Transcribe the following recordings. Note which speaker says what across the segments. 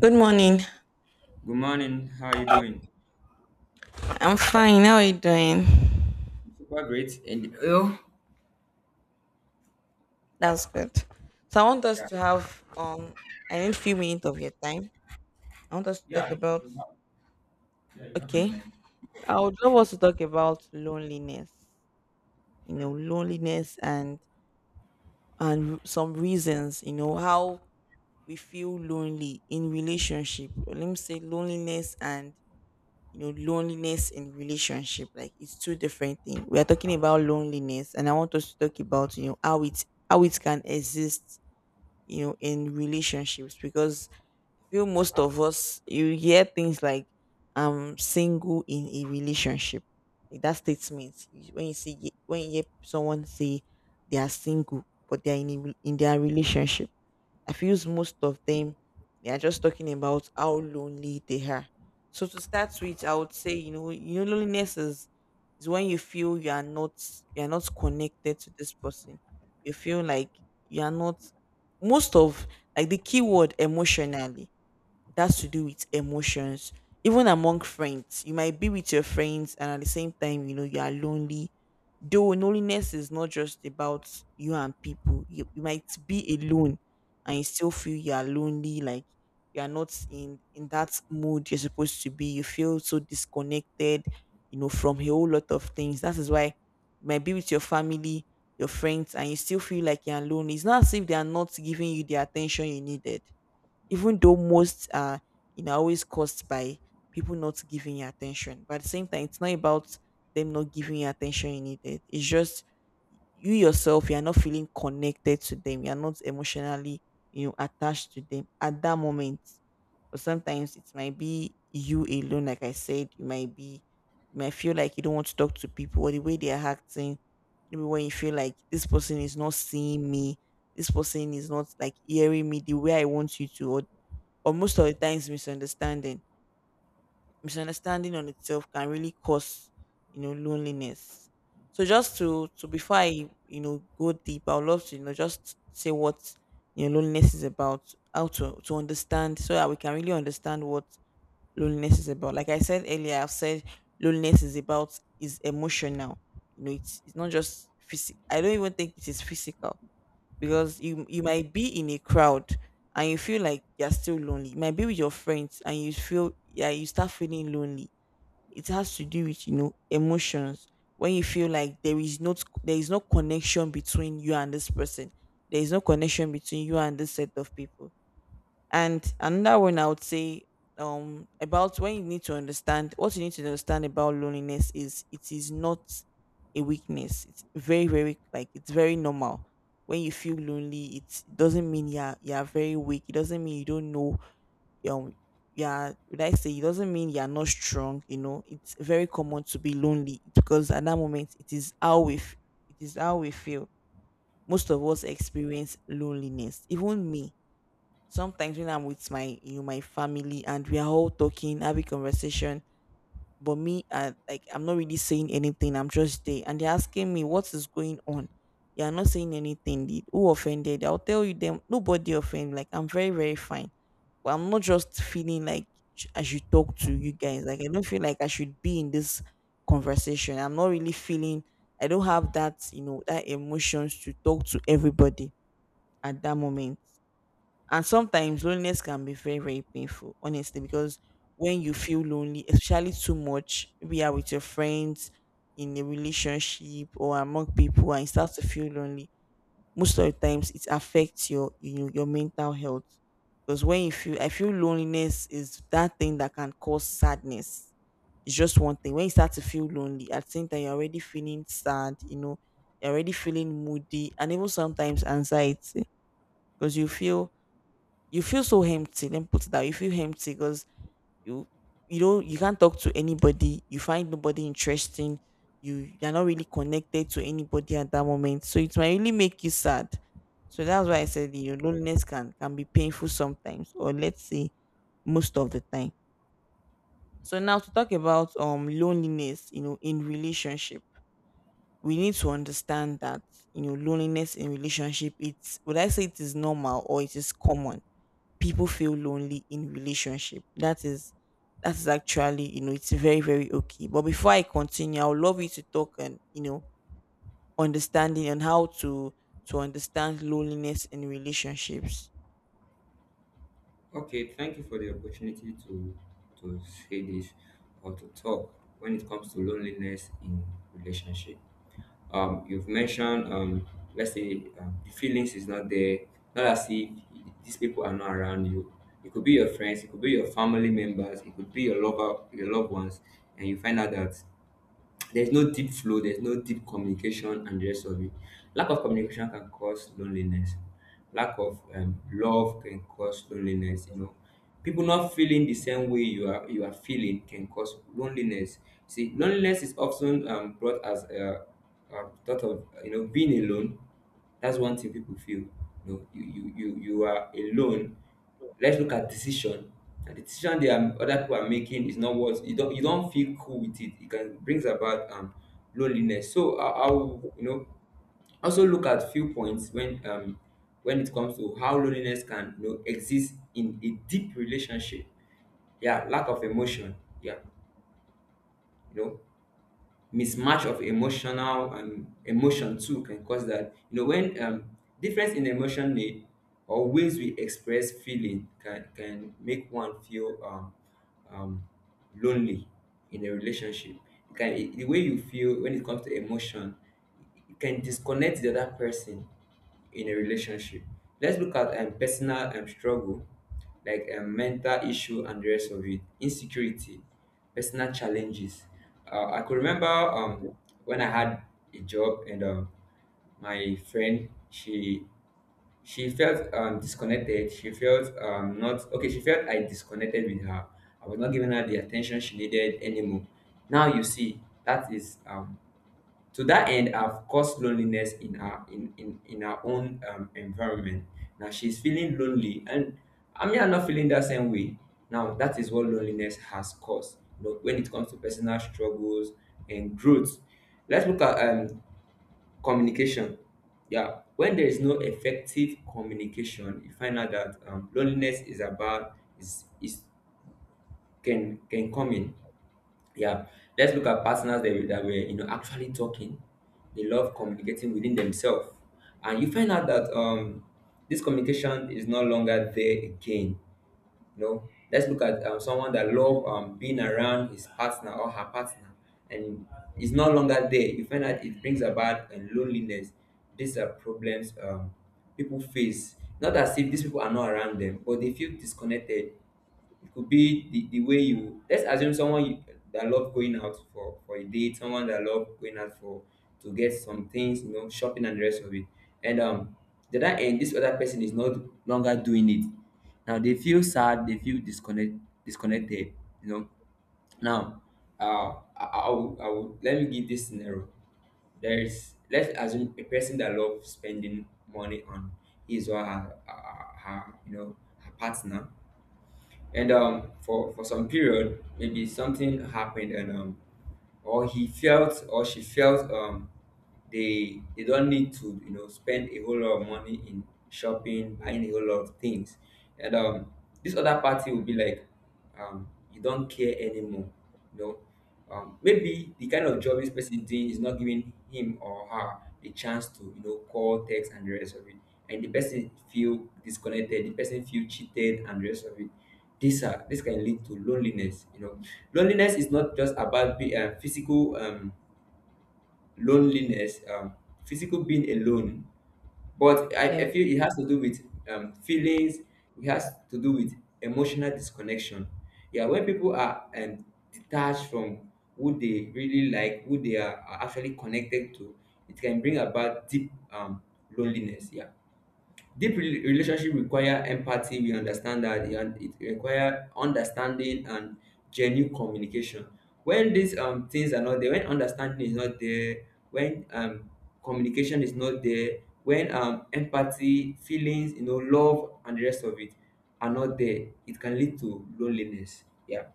Speaker 1: Good morning.
Speaker 2: Good morning. How are you doing?
Speaker 1: I'm fine. How are you doing?
Speaker 2: Super great. And oh,
Speaker 1: That's good. So I want us
Speaker 2: yeah.
Speaker 1: to have I need few minutes of your time. I want us to talk
Speaker 2: Yeah.
Speaker 1: about okay. I would love us to talk about loneliness. Loneliness and some reasons, how we feel lonely in relationship. Let me say loneliness and loneliness in relationship, like it's two different things. We are talking about loneliness, and I want us to talk about how it can exist, in relationships. Because I feel most of us, you hear things like I'm single in a relationship, like that statement. When you see, when you hear someone say they are single but they are in their relationship, I feel most of them, they are just talking about how lonely they are. So to start with, I would say, you know, loneliness is when you feel you are not, you are not connected to this person. You feel like you are not, most of, like the keyword emotionally, that's to do with emotions. Even among friends, you might be with your friends and at the same time, you know, you are lonely. Though loneliness is not just about you and people. You might be alone and you still feel you are lonely, like you are not in that mood you're supposed to be. You feel so disconnected, you know, from a whole lot of things. That is why you might be with your family, your friends, and you still feel like you're lonely. It's not as if they are not giving you the attention you needed. Even though most are, you know, always caused by people not giving you attention, but at the same time, it's not about them not giving you attention you needed. It's just you yourself, you are not feeling connected to them. You are not emotionally, you know, attached to them at that moment. But sometimes it might be you alone. Like I said, you might be, you might feel like you don't want to talk to people, or the way they are acting. Maybe when you feel like this person is not seeing me, this person is not, like, hearing me the way I want you to, or but most of the times, misunderstanding. Misunderstanding on itself can really cause, you know, loneliness. So just to before I, you know, go deep, I would love to, you know, just say what, you know, loneliness is about, how to understand, so that we can really understand what loneliness is about. Like I said earlier, I've said loneliness is about, is emotional. You know, it's not just physical. I don't even think it is physical, because you might be in a crowd and you feel like you're still lonely. You might be with your friends and you feel, yeah, you start feeling lonely. It has to do with, you know, emotions. When you feel like there is no, there is no connection between you and this person. There is no connection between you and this set of people. And another one I would say, about when you need to understand, what you need to understand about loneliness is it is not a weakness. It's very, very, like, it's very normal. When you feel lonely, it doesn't mean you're very weak. It doesn't mean you don't know um yeah, would I say, it doesn't mean you're not strong, you know. It's very common to be lonely, because at that moment it is how it is how we feel. Most of us experience loneliness. Even me, sometimes when I'm with my, you know, my family, and we are all talking, having conversation, but me like I'm not really saying anything. I'm just there, and they're asking me what is going on. You're not saying anything. Did who offended? I'll tell you them. Nobody offended. Like I'm very very fine. But I'm not just feeling like I should talk to you guys. Like I don't feel like I should be in this conversation. I'm not really feeling. I don't have that, you know, that emotions to talk to everybody at that moment. And sometimes loneliness can be very, very painful, honestly. Because when you feel lonely, especially too much, we are with your friends in a relationship or among people, and you start to feel lonely, most of the times it affects your, you know, your mental health. Because when you feel, I feel loneliness is that thing that can cause sadness. It's just one thing. When you start to feel lonely, at the same time you're already feeling sad, you know, you're already feeling moody, and even sometimes anxiety. Because you feel, you feel so empty. Then put it that way, you feel empty because you you know, you can't talk to anybody. You find nobody interesting. You're not really connected to anybody at that moment. So it might really make you sad. So that's why I said, you know, loneliness can be painful sometimes, or let's say most of the time. So now to talk about loneliness, you know, in relationship, we need to understand that, you know, loneliness in relationship, it's, would I say it is normal, or it is common? People feel lonely in relationship. That is actually, you know, it's very, very okay. But before I continue, I would love you to talk and, you know, understanding on how to understand loneliness in relationships.
Speaker 2: Okay. Thank you for the opportunity to to say this or to talk when it comes to loneliness in relationship. You've mentioned let's say the feelings is not there. Not as if these people are not around you. It could be your friends. It could be your family members. It could be your lover, your loved ones, and you find out that there's no deep flow, there's no deep communication, and the rest of it. Lack of communication can cause loneliness. Lack of love can cause loneliness. You know, people not feeling the same way you are feeling can cause loneliness. See, loneliness is often brought as a thought of, you know, being alone. That's one thing people feel. You know, you are alone. Let's look at decision. And the decision they are other people are making is not what you don't feel cool with it. It can brings about loneliness. So I will, you know, also look at few points when it comes to how loneliness can, you know, exist in a deep relationship. Yeah, lack of emotion. Yeah, you know, mismatch of emotional emotion too can cause that, you know, when difference in emotion need or ways we express feeling can make one feel um, lonely in a relationship. It can, the way you feel when it comes to emotion, it can disconnect the other person in a relationship. Let's look at personal struggle, like mental issue and the rest of it, insecurity, personal challenges. I could remember when I had a job and my friend, she felt disconnected. She felt not okay. She felt I disconnected with her. I was not giving her the attention she needed anymore. Now you see that is to that end have caused loneliness in her in her own environment. Now she's feeling lonely and I mean I'm not feeling that same way. Now that is what loneliness has caused. You know, when it comes to personal struggles and growth. Let's look at communication. Yeah. When there is no effective communication, you find out that loneliness is about is can come in. Yeah, let's look at partners that were, you know, actually talking. They love communicating within themselves, and you find out that this communication is no longer there again. You know, let's look at someone that love being around his partner or her partner, and is no longer there. You find out it brings about loneliness. These are problems people face. Not as if these people are not around them, but they feel disconnected. It could be the way you, let's assume someone you, that love going out for a date, someone that love going out for to get some things, you know, shopping and the rest of it. And the other end, this other person is not longer doing it. Now they feel sad, they feel disconnected, you know. Now, I will, let me give this scenario. There is, let's assume a person that loves spending money on his or her, you know, her partner, and for some period maybe something happened and or he felt or she felt they don't need to, you know, spend a whole lot of money in shopping, buying a whole lot of things, and this other party will be like, you don't care anymore. You know, maybe the kind of job this person is doing is not giving him or her the chance to, you know, call, text, and the rest of it. And the person feel disconnected. The person feel cheated, and the rest of it. This can lead to loneliness. You know, loneliness is not just about physical loneliness. Physical being alone, but I feel it has to do with feelings. It has to do with emotional disconnection. Yeah, when people are detached from who they really like, who they are actually connected to, it can bring about deep loneliness. Yeah. Deep relationship require empathy, we understand that e and it require understanding and genuine communication. When these things are not there, when understanding is not there, when communication is not there, when empathy, feelings, you know, love and the rest of it are not there, it can lead to loneliness. Yeah.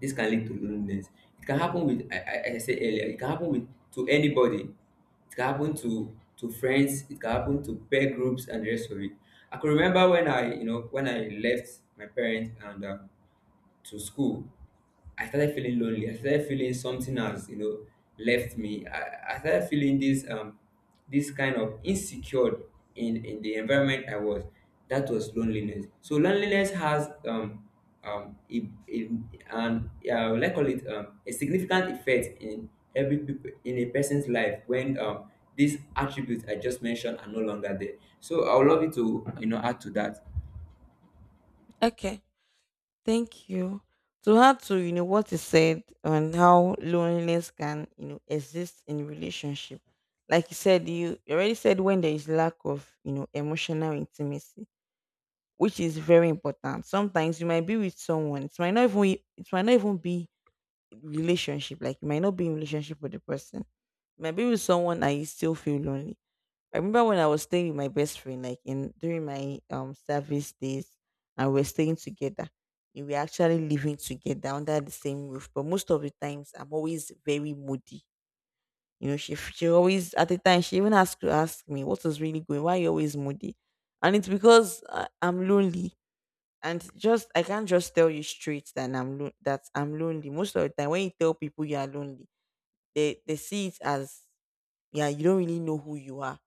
Speaker 2: This can lead to loneliness. It can happen with, I said earlier, it can happen with to anybody. It can happen to friends, it can happen to peer groups and the rest of it. I can remember when I, you know, when I left my parents and to school, I started feeling lonely. I started feeling something has, you know, left me. I started feeling this this kind of insecure in the environment I was. That was loneliness. So loneliness has um a, a, an let's call it a significant effect in every people in a person's life when these attributes I just mentioned are no longer there. So I would love you to, you know, add to that.
Speaker 1: Okay, thank you. To add to, you know, what is said on how loneliness can, you know, exist in relationship. Like you said, you already said, when there is lack of, you know, emotional intimacy, which is very important. Sometimes you might be with someone. It might not even, it might not even be relationship. Like you might not be in relationship with the person. You might be with someone and you still feel lonely. I remember when I was staying with my best friend, like in during my service days, and we are staying together. We were actually living together under the same roof. But most of the times I'm always very moody. You know, she always at the time she even asked to ask me what was really going. Why are you always moody? And it's because I'm lonely, and just I can't just tell you straight that I'm that I'm lonely. Most of the time, when you tell people you are lonely, they see it as, yeah, you don't really know who you are.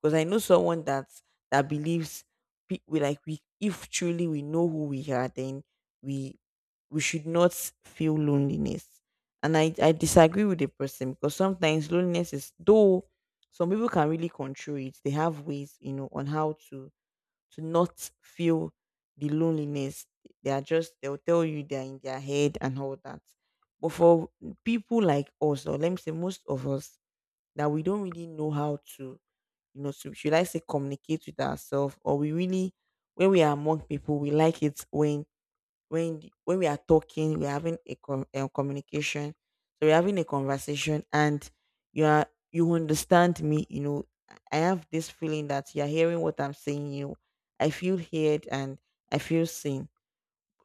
Speaker 1: Because I know someone that believes, we, like we, if truly we know who we are, then we we should not feel loneliness. And I disagree with the person, because sometimes loneliness is though, some people can really control it. They have ways, you know, on how to not feel the loneliness. They are just, they'll tell you they're in their head and all that. But for people like us, or let me say most of us, that we don't really know how to, you know, to, should I say, communicate with ourselves, or we really, when we are among people, we like it when when we are talking, we're having a communication, so we're having a conversation, and you are, you understand me, you know, I have this feeling that you're hearing what I'm saying, you know, I feel heard, and I feel seen.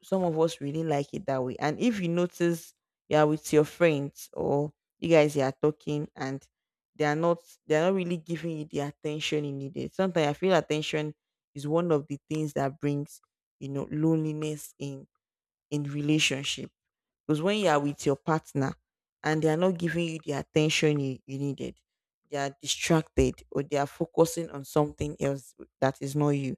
Speaker 1: Some of us really like it that way. And if you notice you are with your friends, or you guys, you are talking, and they are not they are not really giving you the attention you needed. Sometimes I feel attention is one of the things that brings, you know, loneliness in relationship. Because when you are with your partner and they are not giving you the attention you needed, they are distracted, or they are focusing on something else that is not you,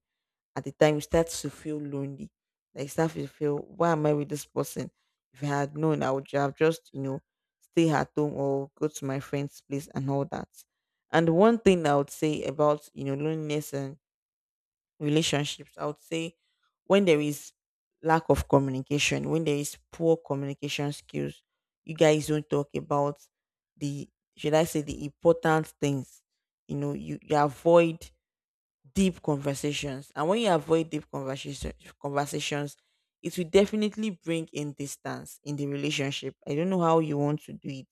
Speaker 1: at the time you start to feel lonely. Like you start to feel, why am I with this person? If I had known, I would have just, you know, stay at home or go to my friend's place and all that. And one thing I would say about, you know, loneliness and relationships, I would say, when there is lack of communication, when there is poor communication skills, you guys don't talk about the, should I say, the important things. You know, you avoid deep conversations. And when you avoid conversations, it will definitely bring in distance in the relationship. I don't know how you want to do it,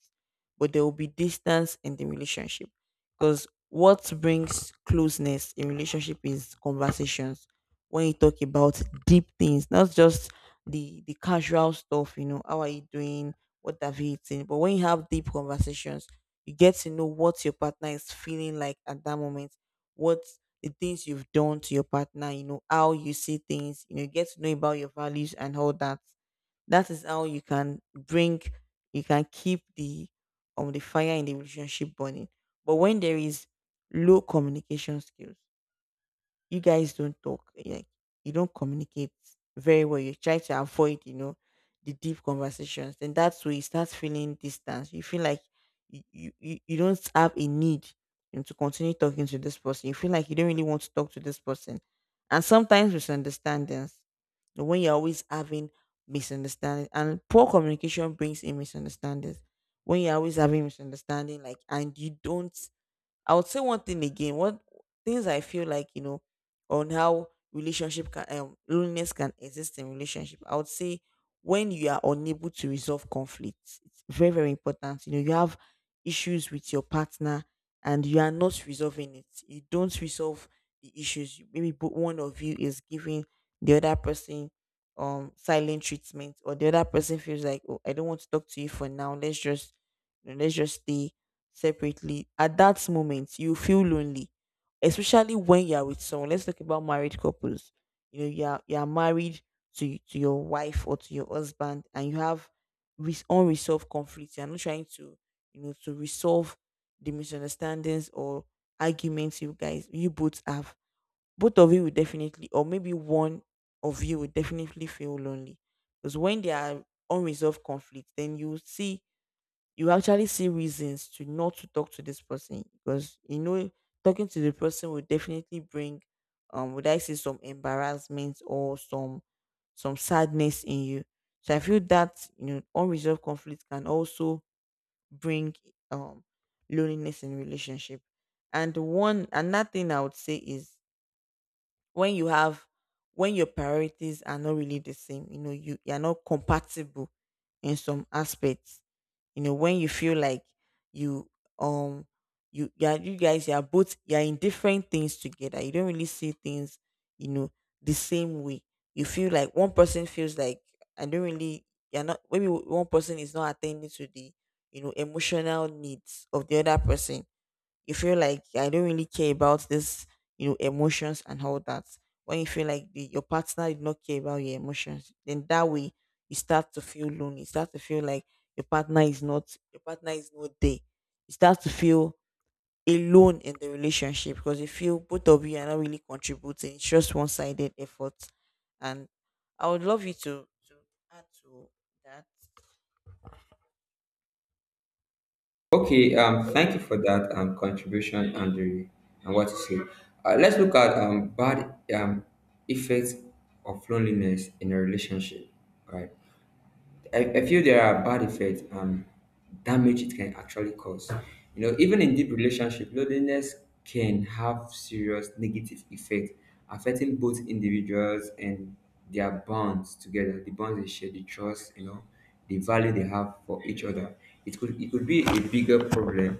Speaker 1: but there will be distance in the relationship. Because what brings closeness in relationship is conversations. When you talk about deep things, not just the casual stuff, you know, how are you doing? What have you eaten? But when you have deep conversations, you get to know what your partner is feeling like at that moment, what the things you've done to your partner, you know, how you see things, you know, get to know about your values and all that. That is how you can bring, you can keep the fire in the relationship burning. But when there is low communication skills, you guys don't talk, like you don't communicate very well, you try to avoid, you know, the deep conversations, then that's where you start feeling distance. You feel like you don't have a need, you know, to continue talking to this person. You feel like you don't really want to talk to this person, and sometimes misunderstandings, you know, when you're always having misunderstandings, and poor communication brings in misunderstandings. When you're always having misunderstanding like and you don't, I would say one thing again. What things I feel like, you know, on how relationship can loneliness can exist in relationship. I would say when you are unable to resolve conflicts, it's very very important. You know, you have issues with your partner and you are not resolving it. You don't resolve the issues. Maybe one of you is giving the other person silent treatment, or the other person feels like, oh, I don't want to talk to you for now, let's just, you know, let's just stay separately. At that moment, you feel lonely, especially when you're with someone. Let's talk about married couples. You know, you're married to to your wife or to your husband, and you have unresolved conflicts. You're not trying to, you know, to resolve the misunderstandings or arguments you both have. Both of you will definitely, or maybe one of you will definitely feel lonely, because when there are unresolved conflicts, then you see, you actually see reasons to not to talk to this person, because you know talking to the person will definitely bring, would I say, some embarrassment or some sadness in you. So I feel that, you know, unresolved conflict can also bring um loneliness in relationship. And one another thing I would say is, when you have, when your priorities are not really the same, you know, you're not compatible in some aspects, you know, when you feel like you um you are both, you are in different things together, you don't really see things, you know, the same way. You feel like one person feels like, I don't really, you're not, maybe one person is not attending to the, you know, emotional needs of the other person. You feel like, I don't really care about this, you know, emotions and all that. When you feel like your partner did not care about your emotions, then that way you start to feel lonely. You start to feel like your partner is not there. You start to feel alone in the relationship, because you feel both of you are not really contributing. It's just one sided effort. And I would love you to add to that.
Speaker 2: Okay, thank you for that contribution, Andrew, and what you say. Let's look at bad effects of loneliness in a relationship, right? I feel there are bad effects and damage it can actually cause. You know, even in deep relationship, loneliness can have serious negative effect, affecting both individuals and their bonds together, the bonds they share, the trust, you know, the value they have for each other. It could be a bigger problem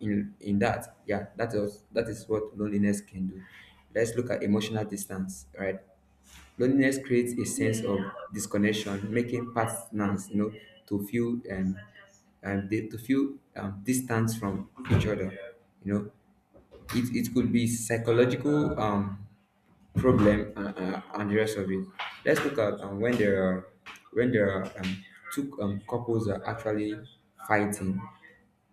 Speaker 2: in that. Yeah, that is what loneliness can do. Let's look at emotional distance, right? Loneliness creates a sense of disconnection, making partners, you know, to feel to feel distance from each other. You know, it could be psychological problem and the rest of it. Let's look at when there are when there are um, two couples are actually fighting.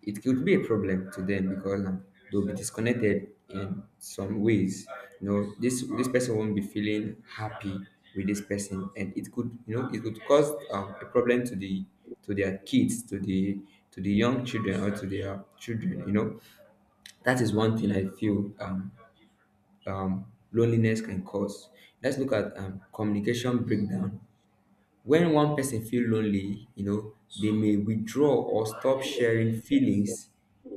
Speaker 2: It could be a problem to them because they'll be disconnected in some ways. You know, this person won't be feeling happy with this person, and it could, you know, it could cause a problem to the, to their kids, to the young children or to their children. You know, that is one thing I feel um, loneliness can cause. Let's look at communication breakdown. When one person feel lonely, you know, they may withdraw or stop sharing feelings,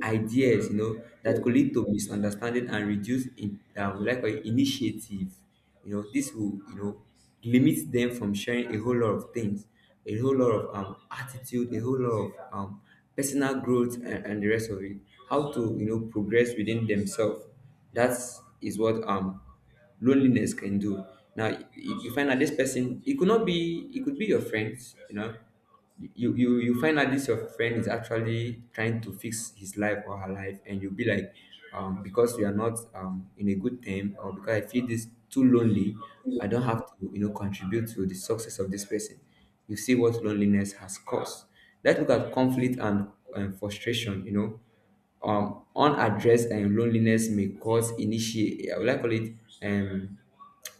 Speaker 2: ideas, you know, that could lead to misunderstanding and reduce in, we like call it, initiative. You know, this will, you know, limit them from sharing a whole lot of things, a whole lot of attitude, a whole lot of personal growth and the rest of it. How to, you know, progress within themselves. That is what loneliness can do. Now you find out this person, it could not be, it could be your friends, you know. You find out this your friend is actually trying to fix his life or her life, and you'll be like, because we are not in a good time, or because I feel this too lonely, I don't have to, you know, contribute to the success of this person. You see what loneliness has caused. Let's look at conflict and frustration. You know, unaddressed loneliness may cause initiate, I would like call it um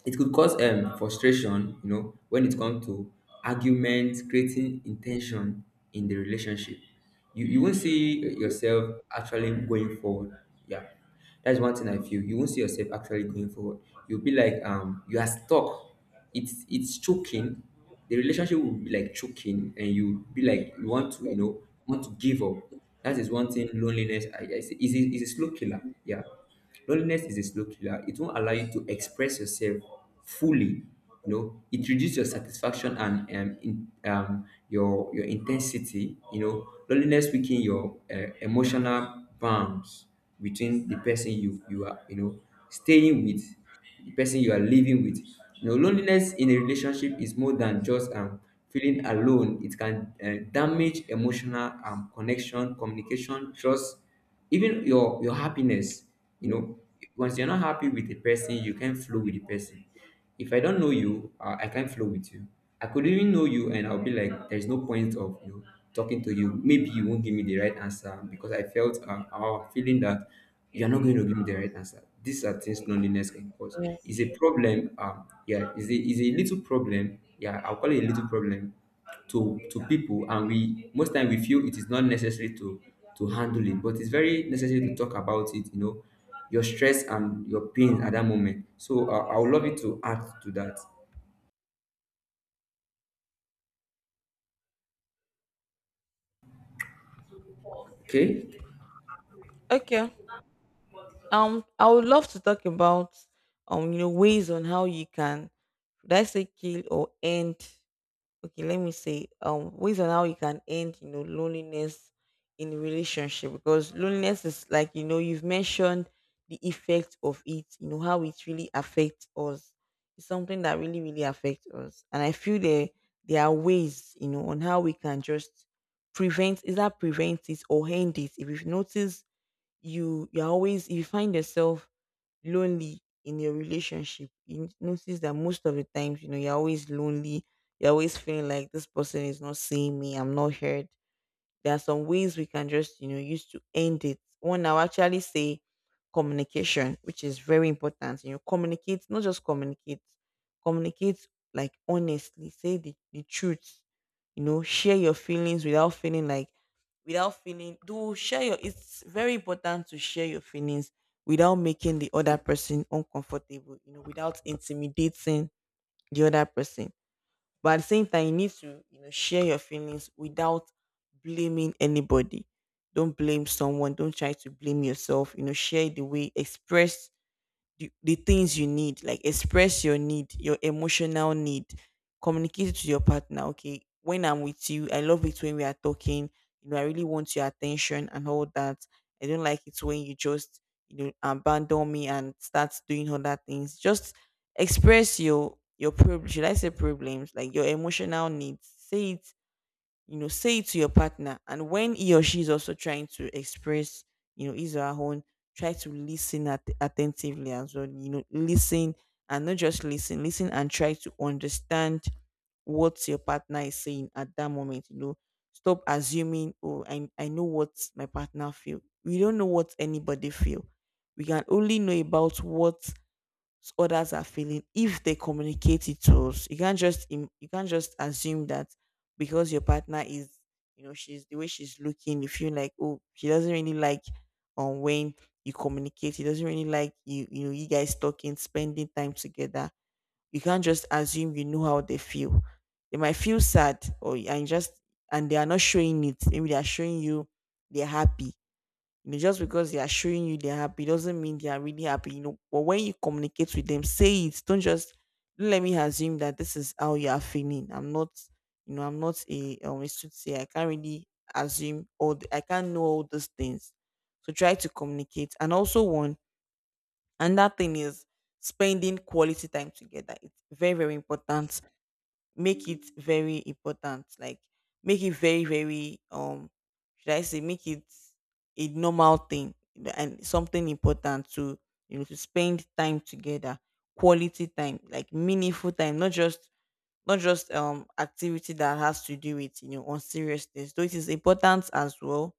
Speaker 2: it could cause frustration, you know, when it comes to arguments, creating intention in the relationship. You won't see yourself actually going forward. Yeah, that's one thing I feel, you won't see yourself actually going forward. You'll be like, you are stuck. It's choking. The relationship will be like choking, and you be like, you want to, you know, want to give up. That is one thing loneliness, I is a slow killer. Yeah, loneliness is a slow killer. It won't allow you to express yourself fully. You know, it reduces your satisfaction and, your intensity. You know, loneliness weaken your emotional bonds between the person you are, you know, staying with, the person you are living with. You know, loneliness in a relationship is more than just feeling alone. It can, damage emotional connection, communication, trust, even your happiness. You know, once you're not happy with the person, you can't flow with the person. If I don't know you, I can't flow with you. I could even know you, and I'll be like, there's no point of talking to you. Maybe you won't give me the right answer because I felt our feeling that you're not going to give me the right answer. These are things loneliness can cause.
Speaker 1: Yeah.
Speaker 2: It's a problem. Yeah, it's a little problem. Yeah, I'll call it a little problem to people, and we most time we feel it is not necessary to handle it, but it's very necessary to talk about it. You know, your stress and your pain at that moment. So I would love you to add to that. Okay?
Speaker 1: Okay. I would love to talk about, you know, ways on how you can, should I say, kill or end, okay, let me say ways on how you can end, you know, loneliness in a relationship, because loneliness is like, you know, you've mentioned the effect of it, you know, how it really affects us. It's something that really, really affects us. And I feel there, there are ways, you know, on how we can just prevent, is that prevent it or end it. If you've noticed you're always, if you find yourself lonely in your relationship, you notice that most of the times, you know, you're always lonely, you're always feeling like this person is not seeing me, I'm not heard, there are some ways we can just, you know, use to end it. One, I'll actually say communication, which is very important. You know, communicate, not just communicate, communicate like honestly, say the truth, you know, share your feelings without feeling like, without feeling, do share your, it's very important to share your feelings without making the other person uncomfortable, you know, without intimidating the other person, but at the same time, you need to, you know, share your feelings without blaming anybody. Don't blame someone. Don't try to blame yourself. You know, share the way, express the things you need, like express your need, your emotional need, communicate it to your partner. Okay, when I'm with you, I love it when we are talking, you know, I really want your attention and all that. I don't like it when you just, you know, abandon me and start doing other things. Just express your problem, should I say problems, like your emotional needs, say it, you know, say it to your partner. And when he or she is also trying to express, you know, his or her own, try to listen attentively as well. You know, listen, and not just listen, listen and try to understand what your partner is saying at that moment. You know, stop assuming, oh, I know what my partner feel. We don't know what anybody feel. We can only know about what others are feeling if they communicate it to us. You can't just you can't just assume that because your partner is, you know, she's the way she's looking, you feel like, oh, she doesn't really like, when you communicate. She doesn't really like you know, you guys talking, spending time together. You can't just assume you know how they feel. They might feel sad or and just, and they are not showing it. Maybe they are showing you they're happy, you know, just because they are showing you they're happy doesn't mean they are really happy, you know. But when you communicate with them, say it. Don't just, don't let me assume that this is how you are feeling. I'm not, you know, I'm not a a soothsayer. I can't really assume, or I can't know all those things. So try to communicate. And also one, and that thing is spending quality time together. It's very, very important. Make it very important, like make it very very should I say, make it a normal thing, and something important to, you know, to spend time together. Quality time, like meaningful time, not just, activity that has to do with, you know, unseriousness, though it is important as well,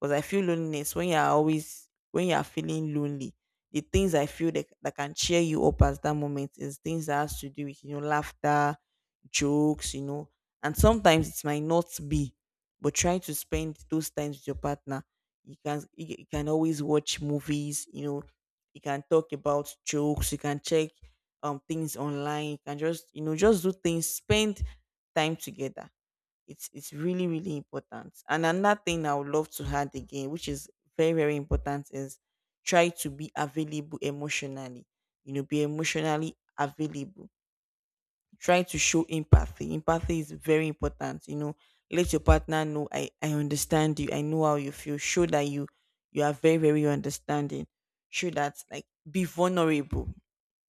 Speaker 1: because I feel loneliness, when you are always, when you are feeling lonely, the things I feel that, that can cheer you up at that moment, is things that has to do with, you know, laughter, jokes, you know. And sometimes it might not be, but try to spend those times with your partner. You can, you can always watch movies, you know, you can talk about jokes, you can check things online. You can just, you know, just do things, spend time together. It's really really important. And another thing I would love to add again, which is very very important, is try to be available emotionally. You know, be emotionally available. Try to show empathy. Empathy is very important. You know, let your partner know, I understand you, I know how you feel. Show that you are very very understanding. Show that, like, be vulnerable,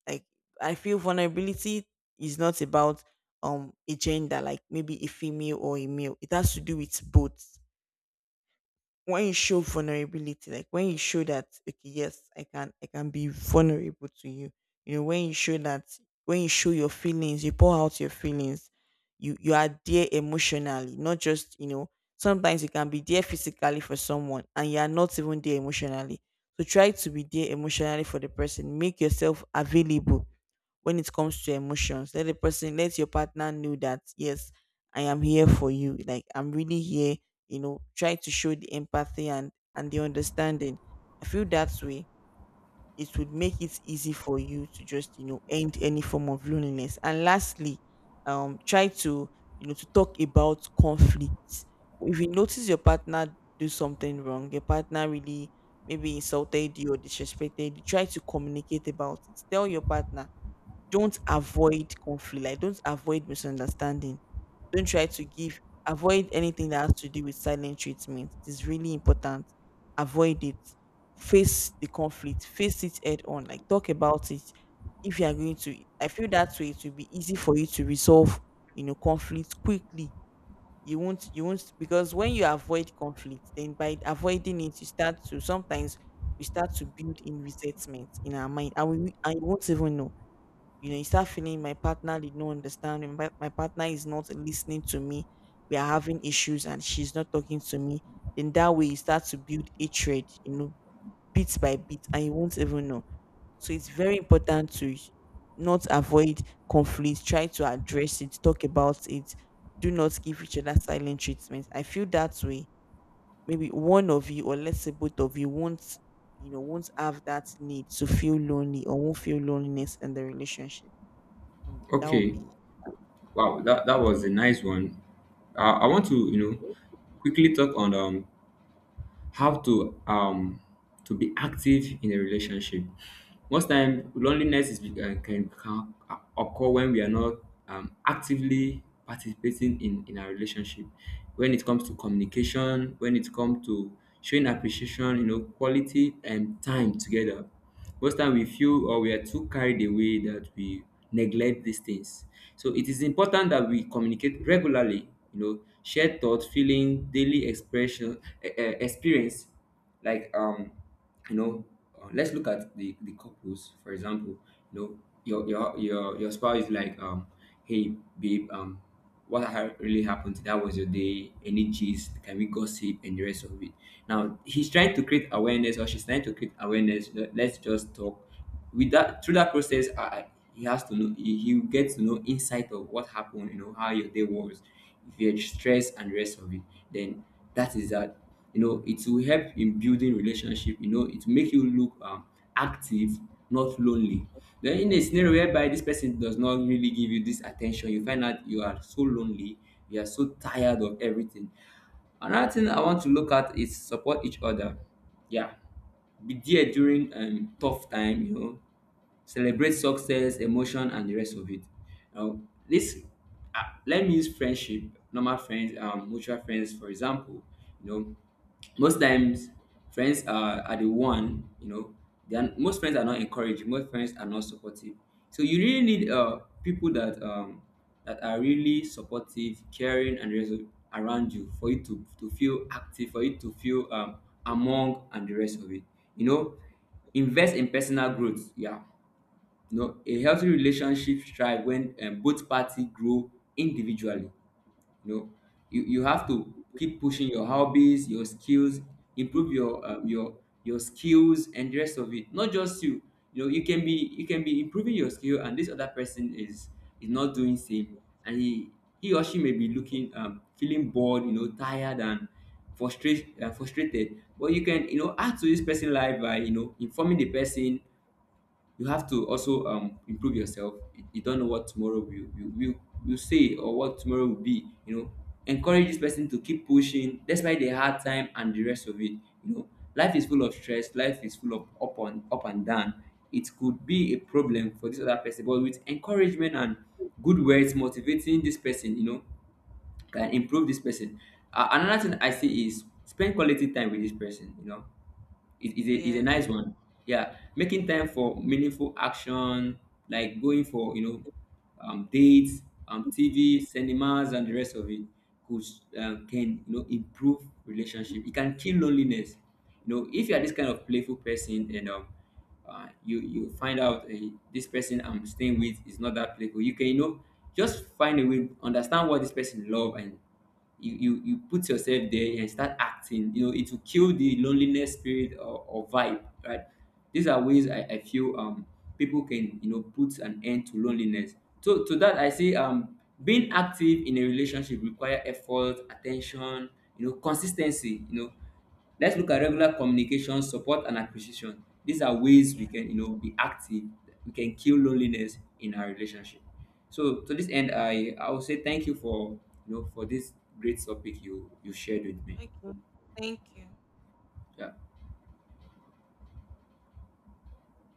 Speaker 1: like, I feel vulnerability is not about a gender, like maybe a female or a male. It has to do with both. When you show vulnerability, like when you show that, okay, yes, I can be vulnerable to you. You know, when you show that, when you show your feelings, you pour out your feelings, you are there emotionally, not just, you know, sometimes you can be there physically for someone, and you are not even there emotionally. So try to be there emotionally for the person. Make yourself available when it comes to emotions. Let the person, let your partner know that, yes, I am here for you. Like, I'm really here. You know, try to show the empathy and the understanding. I feel that way, it would make it easy for you to just, you know, end any form of loneliness. And lastly, try to, you know, to talk about conflicts. If you notice your partner do something wrong, your partner really, maybe insulted you or disrespected you, try to communicate about it. Tell your partner, don't avoid conflict, like don't avoid misunderstanding, don't try to give, avoid anything that has to do with silent treatment. It is really important, avoid it. Face the conflict, face it head on, like talk about it, if you are going to. I feel that way, it will be easy for you to resolve, you know, conflict quickly. You won't, because when you avoid conflict, then by avoiding it you start to, sometimes we start to build in resentment in our mind, and we and you won't even know, you know, you start feeling, my partner did not understand me. My partner is not listening to me. We are having issues, and she's not talking to me. Then that way you start to build hatred, you know, bit by bit, and you won't even know. So it's very important to not avoid conflict, try to address it, talk about it. Do not give each other silent treatment. I feel that way, maybe one of you, or let's say both of you, won't, you know, won't have that need to feel lonely, or won't feel loneliness in the relationship. That would
Speaker 2: Okay.
Speaker 1: be
Speaker 2: Wow, that was a nice one. I want to, you know, quickly talk on how to be active in a relationship. Most time loneliness can occur when we are not actively participating in our relationship. When it comes to communication, when it comes to showing appreciation, you know, quality and time together most time we feel or we are too carried away that we neglect these things. So it is important that we communicate regularly, you know, share thoughts, feeling, daily expression, experience, like you know, let's look at the couples for example. You know, your spouse is like, hey babe, what really happened today, how was your day, any gist, can we gossip, and the rest of it. Now, he's trying to create awareness, or she's trying to create awareness, let's just talk. With that, through that process, he has to know, he gets to know insight of what happened, you know, how your day was, if you're stressed and the rest of it, then that is that. You know, it will help in building relationship, you know, it will make you look active, not lonely. Then in a scenario whereby this person does not really give you this attention, you find out you are so lonely, you are so tired of everything. Another thing I want to look at is support each other. Yeah, be there during tough time, you know, celebrate success, emotion, and the rest of it. Now, this uh, let me use friendship, normal friends, mutual friends for example. You know, most times friends are the one, you know, most friends are not encouraging, most friends are not supportive. So you really need people that that are really supportive, caring, and the around you for you to feel active, for you to feel among and the rest of it. You know, invest in personal growth. Yeah, you know, a healthy relationship thrive when both parties grow individually. You know, you have to keep pushing your hobbies, your skills, improve your your skills and the rest of it. Not just you. You know, you can be improving your skill, and this other person is not doing same, and he or she may be looking feeling bored, you know, tired and frustrated. But you can, you know, add to this person's life by, you know, informing the person. You have to also improve yourself. You don't know what tomorrow will say or what tomorrow will be, you know. Encourage this person to keep pushing despite the hard time and the rest of it. You know, life is full of stress, life is full of up and down. It could be a problem for this other person, but with encouragement and good words motivating this person, you know, can improve this person. Another thing I see is spend quality time with this person. You know, it is a
Speaker 1: Yes.
Speaker 2: nice one. Yeah, making time for meaningful action, like going for, you know, dates, TV, cinemas, and the rest of it, could can, you know, improve relationship. It can kill loneliness. You know, if you are this kind of playful person and, you you find out, eh, this person I'm staying with is not that playful, you can, you know, just find a way, understand what this person love, and you put yourself there and start acting, you know. It will kill the loneliness spirit, or vibe, right? These are ways I feel people can, you know, put an end to loneliness. So to that I say, being active in a relationship require effort, attention, you know, consistency, you know. Let's look at regular communication, support, and acquisition. These are ways we can, you know, be active. We can kill loneliness in our relationship. So to this end, I will say thank you for, you know, for this great topic you shared with me. Yeah.